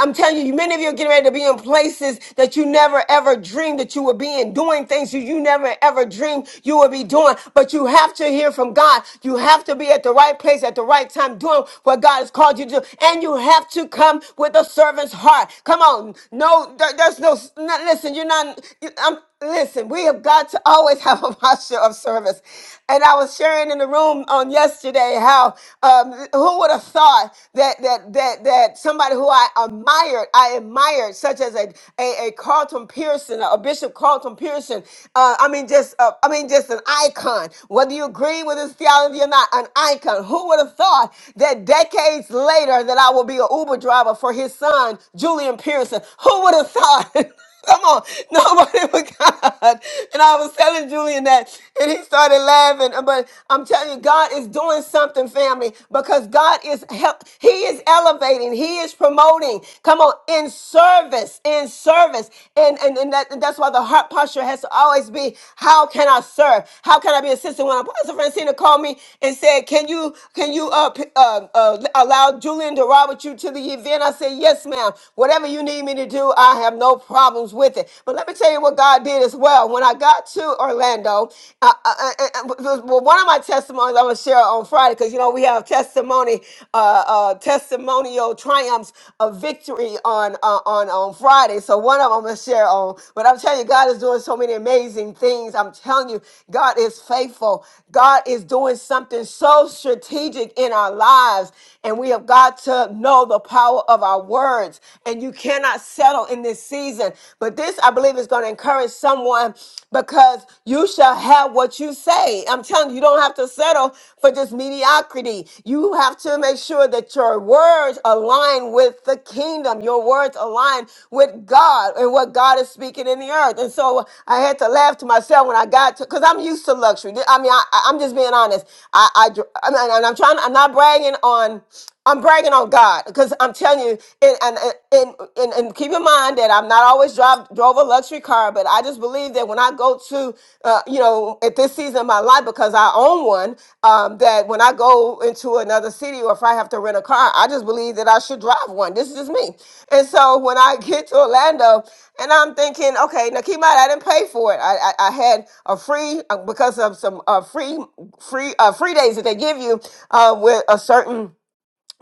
Speaker 1: I'm telling you, many of you are getting ready to be in places that you never ever dreamed that you would be in, doing things that you never ever dreamed you would be doing. But you have to hear from God. You have to be at the right place at the right time, doing what God has called you to do. And you have to come with a servant's heart. Come on. No, there- there's no, no listen, you're not, I'm, listen, we have got to always always have a posture of service. And I was sharing in the room on yesterday how um, who would have thought that that that that somebody who I admired, I admired, such as a a, a Carlton Pearson, a Bishop Carlton Pearson. Uh, I mean, just uh, I mean, just an icon. Whether you agree with his theology or not, an icon. Who would have thought that decades later that I will be an Uber driver for his son, Julian Pearson? Who would have thought? Come on, nobody but God. And I was telling Julian that, and he started laughing. But I'm telling you, God is doing something, family, because God is help. He is elevating. He is promoting. Come on, in service, in service, and and and, that, and that's why the heart posture has to always be: How can I serve? How can I be assistant? When Apostle Francina called me and said, "Can you can you uh, p- uh, uh allow Julian to ride with you to the event?" I said, "Yes, ma'am. Whatever you need me to." me to do. I have no problems with it. But let me tell you what God did as well. When I got to Orlando, uh, uh, uh, uh, well, one of my testimonies I'm gonna share on Friday because you know we have testimony, uh, uh, testimonial triumphs of victory on uh, on on Friday. So one of them I'm gonna share on. But I'm telling you, God is doing so many amazing things. I'm telling you, God is faithful. God is doing something so strategic in our lives, and we have got to know the power of our word words, and you cannot settle in this season. But this, I believe, is going to encourage someone because you shall have what you say. I'm telling you, you don't have to settle for just mediocrity. You have to make sure that your words align with the kingdom, your words align with God and what God is speaking in the earth. And so I had to laugh to myself when I got to, because I'm used to luxury. I mean, I, I- I'm just being honest. I, I, I mean, and I'm trying, I'm not bragging on. I'm bragging on God because I'm telling you, and and, and and and keep in mind that I'm not always drive drove a luxury car, but I just believe that when I go to, uh, you know, at this season of my life because I own one, um, that when I go into another city or if I have to rent a car, I just believe that I should drive one. This is just me, and so when I get to Orlando, and I'm thinking, okay, now keep in mind I didn't pay for it. I I, I had a free uh, because of some uh, free free uh, free days that they give you uh, with a certain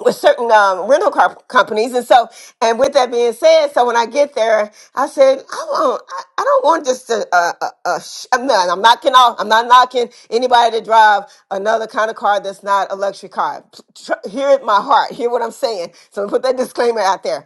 Speaker 1: with certain um, rental car companies. And so, and with that being said, so when I get there, I said, I want, I, I don't want just a, a, a, a sh- I'm not, I'm not knocking off, I'm not knocking anybody to drive another kind of car that's not a luxury car. P- tr- Hear it, my heart, hear what I'm saying. So put that disclaimer out there.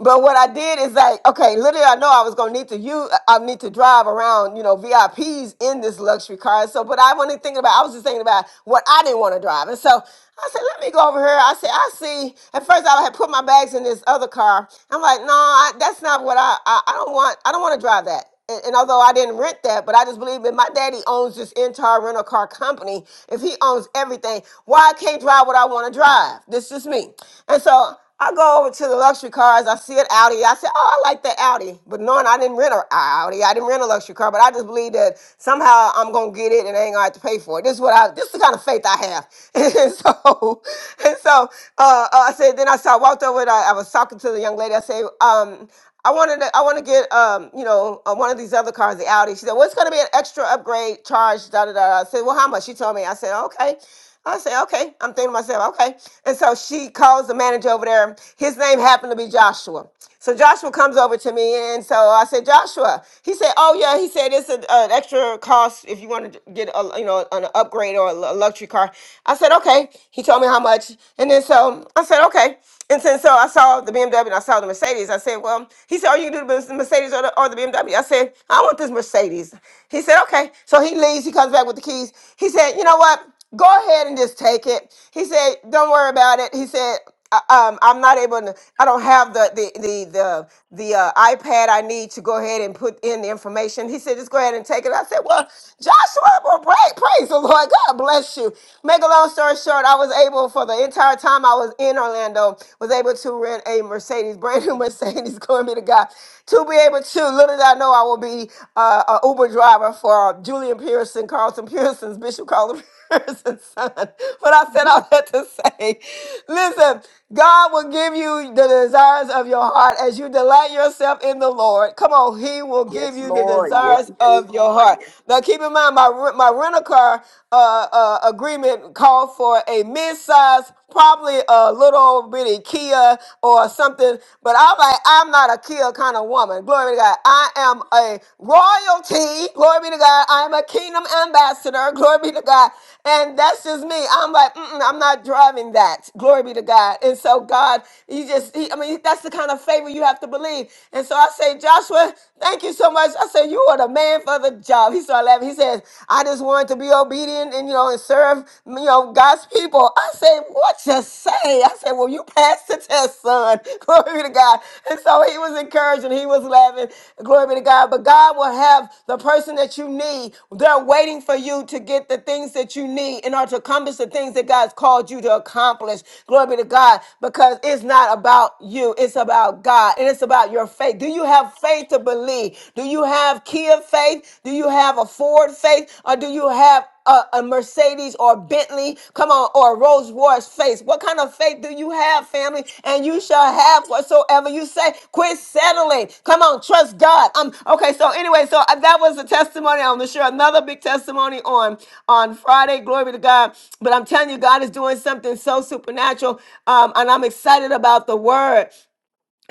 Speaker 1: But what I did is like, okay, literally, I know I was gonna need to you, I need to drive around, you know, VIPs in this luxury car. So, but I wasn't thinking about. I was just thinking about what I didn't want to drive, and so I said, let me go over here. I said, I see. At first, I had put my bags in this other car. I'm like, no, I, that's not what I, I. I don't want. I don't want to drive that. And, and although I didn't rent that, but I just believe that my daddy owns this entire rental car company. If he owns everything, why I can't drive what I want to drive? This is me. And so I go over to the luxury cars. I see an Audi. I said, "Oh, I like that Audi," but knowing I didn't rent an Audi, I didn't rent a luxury car. But I just believe that somehow I'm gonna get it, and I ain't gonna have to pay for it. This is what I. This is the kind of faith I have. And so, and so, uh, uh, I said. Then I saw. I walked over, and I, I was talking to the young lady. I said, um, I wanted to, I want to get um, you know uh, one of these other cars, the Audi. She said, "Well, it's going to be an extra upgrade charge." Da da da. I said, "Well, how much?" She told me. I said, "Okay." I said, okay. I'm thinking to myself, okay. And so she calls the manager over there. His name happened to be Joshua. So Joshua comes over to me, and so I said, Joshua. He said, oh yeah. He said it's an, an extra cost if you want to get a you know an upgrade or a lu- luxury car. I said, okay. He told me how much, and then so I said, okay. And since so I saw the BMW and I saw the Mercedes, I said, well, he said, oh, you can do the Mercedes or the, or the BMW. I said, I want this Mercedes. He said, okay. So he leaves. He comes back with the keys. He said, you know what? go ahead and just take it. He said, don't worry about it. He said, "I- um, I'm not able to, I don't have the, the, the, the, the uh, iPad I need to go ahead and put in the information. He said, just go ahead and take it. I said, well, Joshua, well, pray, praise the Lord. God bless you. Make a long story short, I was able for the entire time I was in Orlando, was able to rent a Mercedes, brand new Mercedes, glory be to God, to be able to, little did I know I will be uh, an Uber driver for Julian Pearson, Carlton Pearson's, Bishop Carlson person, son. But I said all that to say, listen, God will give you the desires of your heart as you delight yourself in the Lord. Come on, He will give
Speaker 2: Yes,
Speaker 1: you the
Speaker 2: Lord. Yes,
Speaker 1: desires
Speaker 2: you did.
Speaker 1: of your heart. Now, keep in mind, my re- my rental car uh, uh, agreement called for a mid-size, probably a little bitty Kia or something. But I'm like, I'm not a Kia kind of woman. Glory to God. Glory to God. I am a royalty. Glory be to God. I am a kingdom ambassador. Glory be to God. And that's just me. I'm like, Mm-mm, I'm not driving that. Glory be to God. And so God, He just, he, I mean, that's the kind of favor you have to believe. And so I say, Joshua, thank you so much. I said, you are the man for the job. He started laughing. He says, I just wanted to be obedient and you know and serve you know God's people. I say, what? just say. I said, Well, you passed the test, son. Glory be to God. And so he was encouraging, he was laughing. Glory be to God. But God will have the person that you need. They're waiting for you to get the things that you need in order to accomplish the things that God's called you to accomplish. Glory be to God. Because it's not about you, it's about God. And it's about your faith. Do you have faith to believe? Do you have key of faith? Do you have have a Ford faith or do you have a, a Mercedes or a Bentley? Come on, or a Rolls Royce faith. What kind of faith do you have, family? And you shall have whatsoever you say. Quit settling. Come on, trust God. Um. Okay. So anyway, so uh, that was a testimony. I'm gonna share another big testimony on on Friday. Glory be to God. But I'm telling you, God is doing something so supernatural. Um, and I'm excited about the word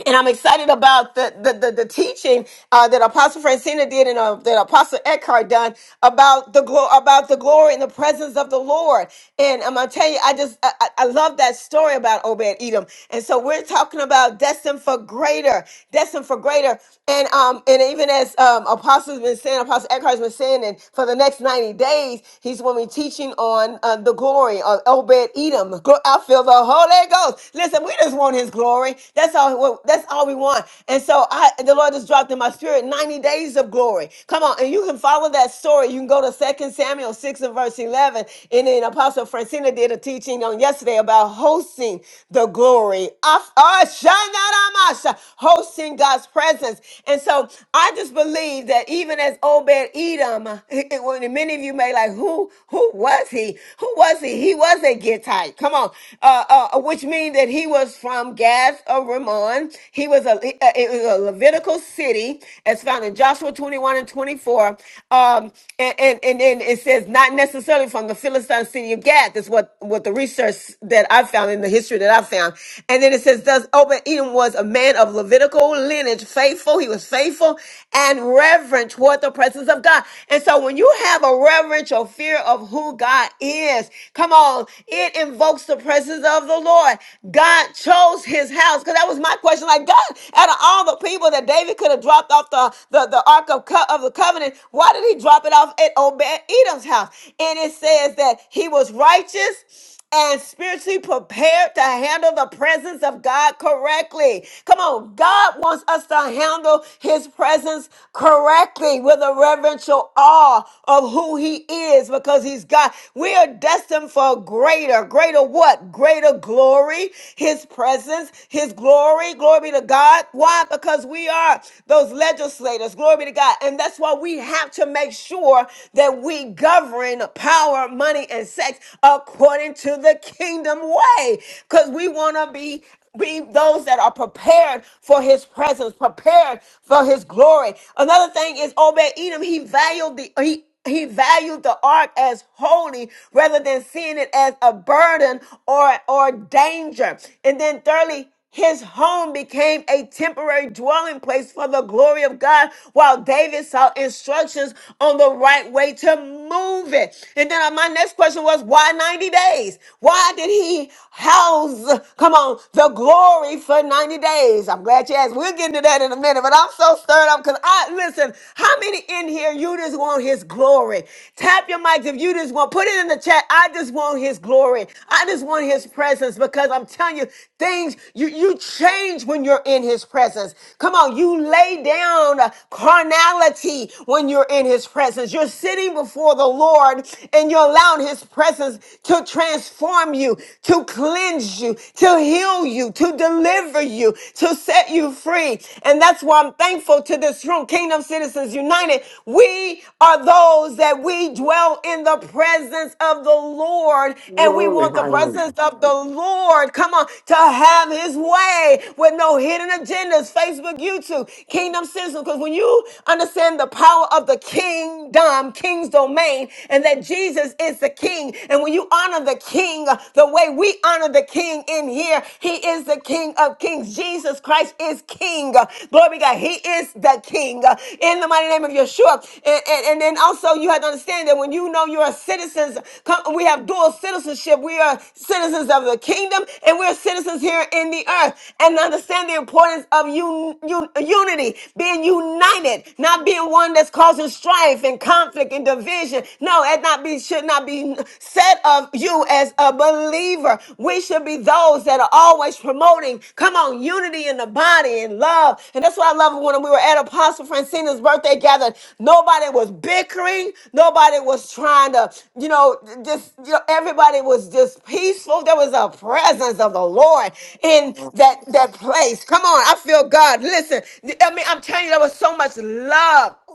Speaker 1: and I'm excited about the the the, the teaching uh, that Apostle Francina did and uh, that Apostle Eckhart done about the glo- about the glory and the presence of the Lord. And I'm gonna tell you, I just I, I I love that story about Obed Edom. And so we're talking about destined for greater, destined for greater. And um and even as um Apostle's been saying, Apostle Eckhart's been saying, and for the next 90 days, he's going to be teaching on uh, the glory of Obed Edom. I feel the Holy Ghost else. Listen, we just want His glory. That's all. That's all we want. And so I, the Lord just dropped in my spirit 90 days of glory. Come on, and you can follow that story. You can go to Second Samuel 6 and verse 11. And then Apostle Francina did a teaching on yesterday about hosting the glory. of- Ashanaramasa, Hosting God's presence. And so I just believe that even as Obed Edom, when many of you may like, who who was he? Who was he? He was was a Gittite. Come on, uh, uh, uh, which means that he was from Gath of Ramon. He was a uh, it was a Levitical city, as found in Joshua twenty one and twenty four. Um, and and and then it says not necessarily from the Philistine city of Gath. That's what what the research that I found in the history that I found. And then it says, thus Obed Edom was a man of Levitical lineage, faithful. He was faithful and reverent toward the presence of God. And so when you have a reverential your fear of who God is. Come on, it invokes the presence of the Lord. God chose his house. Because that was my question. Like, God, out of all the people that David could have dropped off the, the, the Ark of, Co- of the Covenant, why did he drop it off at Obed Edom's house? And it says that he was righteous and spiritually prepared to handle the presence of God correctly. Come on, God wants us to handle his presence correctly with a reverential awe of who he is because he's God. We are destined for greater, greater what? Greater glory, his presence, his glory. Glory be to God. Why? Because we are those legislators. Glory be to God. And that's why we have to make sure that we govern power, money, and sex according to the kingdom way because we want to be be those that are prepared for his presence, prepared for his glory. Another thing is Obed Edom, he valued the he he valued the ark as holy rather than seeing it as a burden or or danger. And then thirdly, his home became a temporary dwelling place for the glory of God while David sought instructions on the right way to move it. And then uh, my next question was why 90 days? Why did he house, come on, the glory for 90 days? I'm glad you asked. We'll get into that in a minute, but I'm so stirred up because I, listen, how many in here you just want his glory? Tap your mics if you just want, put it in the chat that I just want his glory. I just want his presence because I'm telling you, things you, you change when you're in his presence. Come on, you lay down uh, carnality when you're in his presence. You're sitting before the Lord and you're allowing his presence to transform you, to cleanse you, to heal you, to deliver you, to set you free. And that's why I'm thankful to this room, Kingdom Citizens Intercessors United, we are those that we dwell in the presence of the Lord, and we
Speaker 11: Glory,
Speaker 1: want the
Speaker 11: hallelujah.
Speaker 1: presence of the Lord, come on, to have his way with no hidden agendas, Facebook, YouTube, Kingdom Citizen. Because when you understand the power of the kingdom, king's domain, and that Jesus is the king, and when you honor the king, the way we honor the king in here, he is the king of of Kings. Jesus Christ is King. Glory be to God. He is the King. In the mighty name of Yeshua. And, and, and then also you have to understand that when you know you are citizens, come, we have dual citizenship. We are citizens of the kingdom and we're citizens here in the earth. And understand the importance of un, un- unity, being united, not being one that's causing strife and conflict and division. No, that not be should not be said let um, you, as a believer, we should be those that are always promoting, come on, unity in the body and love. And that's what I love when we were at Apostle Francina's birthday gathering. Nobody was bickering, nobody was trying to, you know, just, you know, everybody was just peaceful. There was a presence of the Lord in that, that place. Come on, I feel God. Listen, I mean, I'm telling you, there was so much love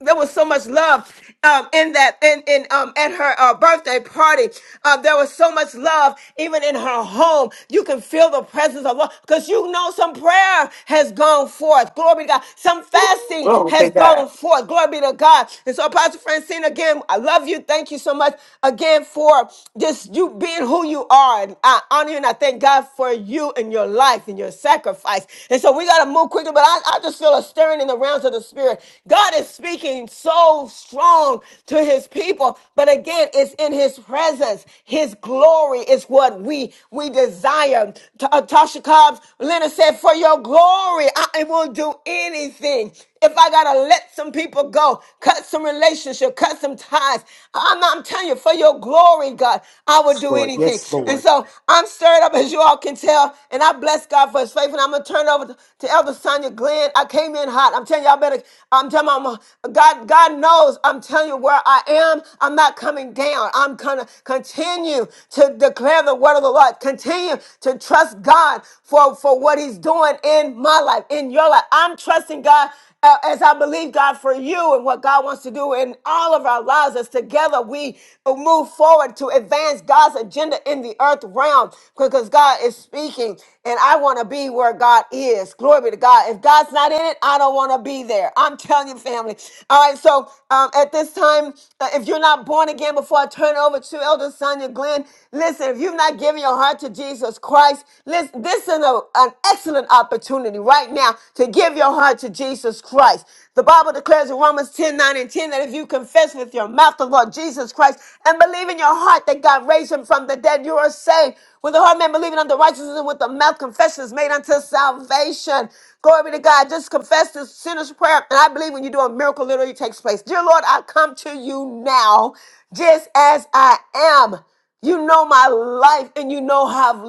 Speaker 1: there was so much love um, in that in, in um at her uh, birthday party uh, there was so much love even in her home you can feel the presence of love because you know some prayer has gone forth glory be to god some fasting
Speaker 11: Glory
Speaker 1: has
Speaker 11: to God.
Speaker 1: gone forth glory be to god and so apostle francine again i love you thank you so much again for just you being who you are and i honor you and i thank god for you and your life and your sacrifice and so we got got to move quickly, but I, I just feel a stirring in the realms of the spirit. God is speaking so strong to his people, but again, it's in his presence. His glory is what we we desire. Ta- uh, Tasha Cobbs, Leonard said, For your glory, I will do anything if I gotta let some people go, cut some relationship, cut some ties. I'm, I'm telling you, for your glory, God, I would
Speaker 2: Yes,
Speaker 1: do
Speaker 2: Lord.
Speaker 1: anything.
Speaker 2: Yes,
Speaker 1: And
Speaker 2: Lord.
Speaker 1: so I'm stirred up, as you all can tell, and I bless God for His faith. And I'm gonna turn it over to, to Elder Sonia Glenn. I came in hot. I'm telling you, all better. I'm telling you, I'm, a- God, God knows. I'm telling you where I am. I'm not coming down. I'm gonna continue to declare the word of the Lord. Continue to trust God for for what He's doing in my life, in your life. I'm trusting God uh, as I believe God for you and what God wants to do in all of our lives, as together we move forward to advance God's agenda in the earth realm because God is speaking and I want to be where God is. Glory be to God. If God's not in it, I don't want to be there. I'm telling you, family. All right, so um, at this time, uh, if you're not born again, before I turn it over to Elder Sonia Glenn, listen, if you've not given your heart to Jesus Christ, listen, this is a- an excellent opportunity right now to to give your heart to Jesus Christ. The Bible declares in Romans 10 9 and 10 that if you confess with your mouth the Lord Jesus Christ and believe in your heart that God raised him from the dead, you are saved. With the heart man believing unto righteousness and with the mouth confession is made unto salvation. Glory be to God. Just confess this sinner's prayer. And I believe when you do a miracle, literally takes place. Dear Lord, I come to you now just as I am. You know my life and you know how I've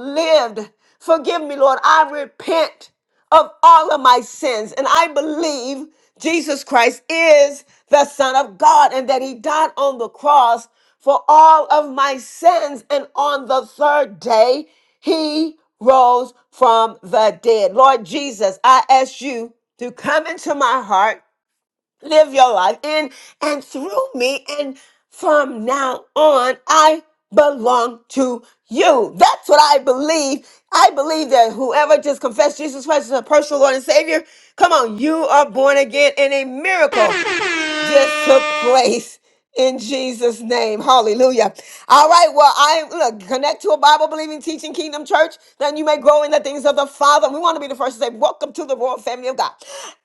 Speaker 1: lived. Forgive me, Lord. I repent of all of my sins. And I believe Jesus Christ is the Son of God and that He died on the cross for all of my sins. And on the third day, He rose from the dead. Lord Jesus, I ask you to come into my heart live your life in and through me. And from now on, I belong to you. That's what I believe. I believe that whoever just confessed Jesus Christ as a personal Lord and Savior, come on, you are born again in a miracle just took place in Jesus' name. Hallelujah. All right. Well, I look, connect to a Bible believing, teaching kingdom church. Then you may grow in the things of the Father. We want to be the first to say, Welcome to the royal family of God.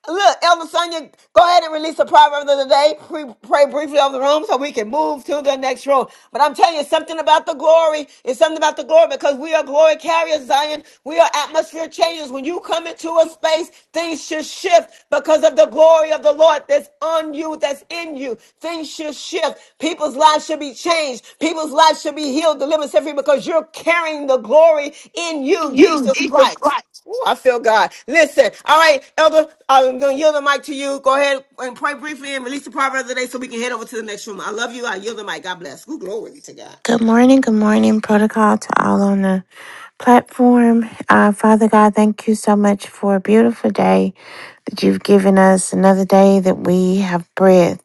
Speaker 1: Look, Elder Sonia, go ahead and release the proverb of the day. Pre- pray briefly over the room so we can move to the next room. But I'm telling you something about something about the glory. It's something about the glory because we are glory carriers, Zion. We are atmosphere changers. When you come into a space, things should shift because of the glory of the Lord that's on you, that's in you. Things should shift. People's lives should be changed. People's lives should be healed, delivered, set free because you're carrying the glory in you,
Speaker 10: You,
Speaker 1: Jesus
Speaker 10: Jesus
Speaker 1: Christ.
Speaker 10: Christ.
Speaker 1: Ooh, I feel God. Listen, all right, Elder, I'm going to yield the mic to you. Go ahead and pray briefly and release the proverb of the day so we can head over to the next room. I love you. I yield the mic. God bless. Ooh, glory to God.
Speaker 10: Good morning, good morning, protocol to all on the platform. Uh, Father God, thank you so much for a beautiful day that you've given us, another day that we have breath.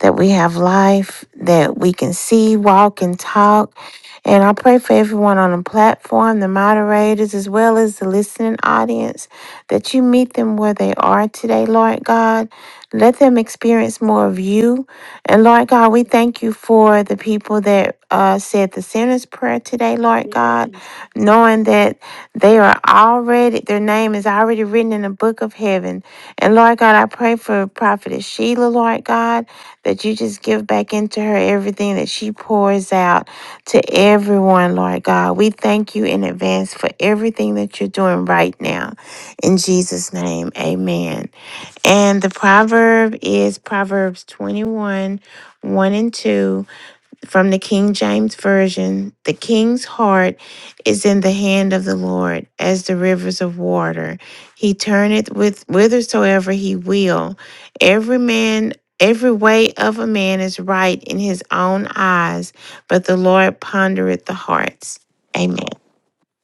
Speaker 10: that we have life, that we can see, walk, and talk. And I pray for everyone on the platform, the moderators, as well as the listening audience, that you meet them where they are today, Lord God. Let them experience more of you. And Lord God, we thank you for the people that uh, said the sinner's prayer today, Lord God, knowing that they are already, their name is already written in the book of heaven. And Lord God, I pray for Prophetess Sheila, Lord God that you just give back into her everything that she pours out to everyone, Lord God. We thank you in advance for everything that you're doing right now. In Jesus' name, amen. And the proverb is Proverbs 21 1 and 2 from the King James Version, the king's heart is in the hand of the Lord, as the rivers of water. He turneth with whithersoever he will. Every man, every way of a man is right in his own eyes, but the Lord pondereth the hearts. Amen.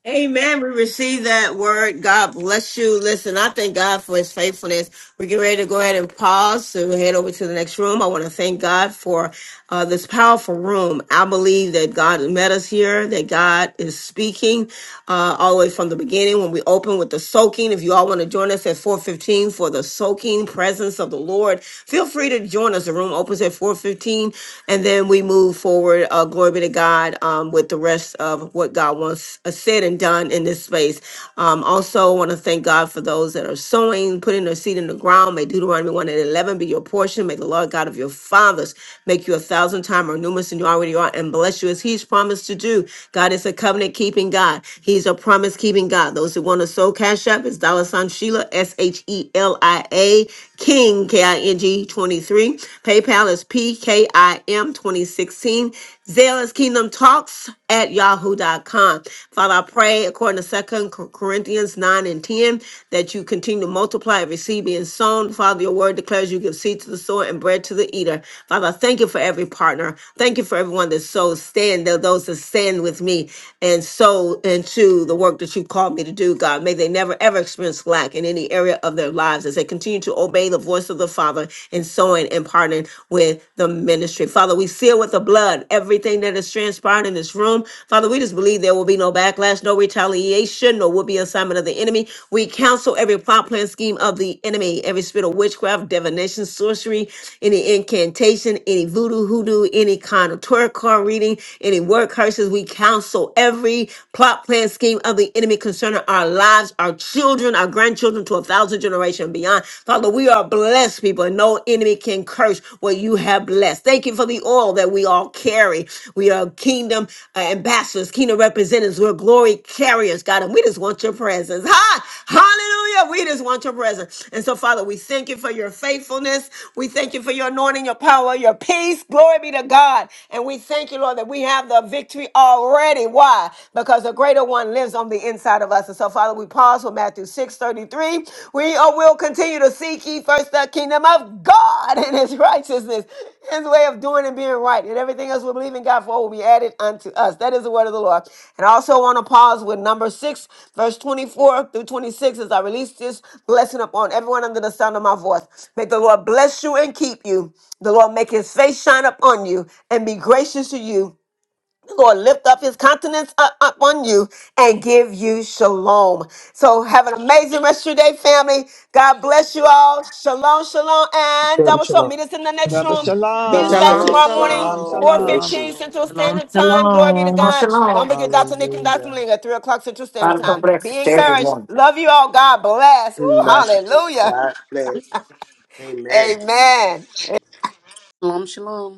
Speaker 1: Amen. We receive that word. God bless you. Listen, I thank God for his faithfulness. We're getting ready to go ahead and pause to head over to the next room. I want to thank God for uh, this powerful room. I believe that God met us here, that God is speaking uh, all the way from the beginning when we open with the soaking. If you all want to join us at 415 for the soaking presence of the Lord, feel free to join us. The room opens at 415 and then we move forward. Uh, glory be to God. God um, with the rest of what God wants uh, said and done in this space. Um, also, want to thank God for those that are sowing, putting their seed in the ground. May Deuteronomy 1 and 11 be your portion. May the Lord God of your fathers make you a thousand times more numerous than you already are and bless you as He's promised to do. God is a covenant keeping God. He's a promise keeping God. Those who want to sow cash up is dollar sign Sheila, S H E L I A, King, K I N G 23. PayPal is P K I M 2016. Zealous Kingdom Talks at yahoo.com. Father, I pray according to Second Corinthians 9 and 10 that you continue to multiply and receive being sown. Father, your word declares you give seed to the sower and bread to the eater. Father, I thank you for every partner. Thank you for everyone that sows, stand, tho- those that stand with me and sow into the work that you called me to do, God. May they never ever experience lack in any area of their lives as they continue to obey the voice of the Father and sowing and partnering with the ministry. Father, we seal with the blood everything that is transpired in this room. Father, we just believe there will be no backlash, no retaliation, no will be assignment of the enemy. We counsel every plot, plan, scheme of the enemy, every spirit of witchcraft, divination, sorcery, any incantation, any voodoo, hoodoo, any kind of tarot card reading, any word curses. We counsel every plot, plan, scheme of the enemy concerning our lives, our children, our grandchildren to a thousand thousand generation and beyond. Father, we are blessed people, and no enemy can curse what you have blessed. Thank you for the oil that we all carry. We are kingdom uh, ambassadors, kingdom representatives. We're glory carriers, God, and we just want your presence. Ha! Hallelujah! We just want your presence. And so, Father, we thank you for your faithfulness. We thank you for your anointing, your power, your peace. Glory be to God. And we thank you, Lord, that we have the victory already. Why? Because the greater one lives lives on the inside of us. And so, Father, we pause for Matthew 6 33. We uh, will continue to seek ye first the kingdom of God and his righteousness, his way of doing and being right. And everything else we believe in God for will be added unto us. That is the word of the Lord. And I also want to pause with number 6, verse 24 through 26 as I release this blessing upon everyone under the sound of my voice. May the Lord bless you and keep you. The Lord make his face shine upon you and be gracious to you. Lord, lift up his countenance up, up on you and give you shalom. So have an amazing rest of your day, family. God bless you all. Shalom, shalom, and
Speaker 2: Shalom,
Speaker 1: double shalom.
Speaker 2: shalom.
Speaker 1: Meet us in the next
Speaker 2: God
Speaker 6: Shabbat
Speaker 1: room.
Speaker 2: bless you.
Speaker 1: Meet
Speaker 3: Double
Speaker 1: us back
Speaker 6: Shalom.
Speaker 3: shalom,
Speaker 1: tomorrow morning,
Speaker 5: shalom.
Speaker 6: Shalom,
Speaker 2: God
Speaker 3: shalom,
Speaker 6: shalom.
Speaker 3: great
Speaker 1: 4.15
Speaker 3: room.
Speaker 1: Central Standard Time. Glory be to
Speaker 9: Shalom.
Speaker 11: Oh,
Speaker 1: God. Don't
Speaker 11: shalom.
Speaker 1: forget Dr. Nick and Dr.
Speaker 3: Hallelujah.
Speaker 1: Malinga, at 3 o'clock Central Standard
Speaker 11: Father, come
Speaker 1: Time.
Speaker 11: bless us
Speaker 1: Be
Speaker 11: to
Speaker 1: encouraged.
Speaker 11: everyone.
Speaker 1: Love you all. God bless. Ooh,
Speaker 2: bless you.
Speaker 1: hallelujah.
Speaker 2: God bless. Amen.
Speaker 1: Amen.
Speaker 12: Shalom, shalom.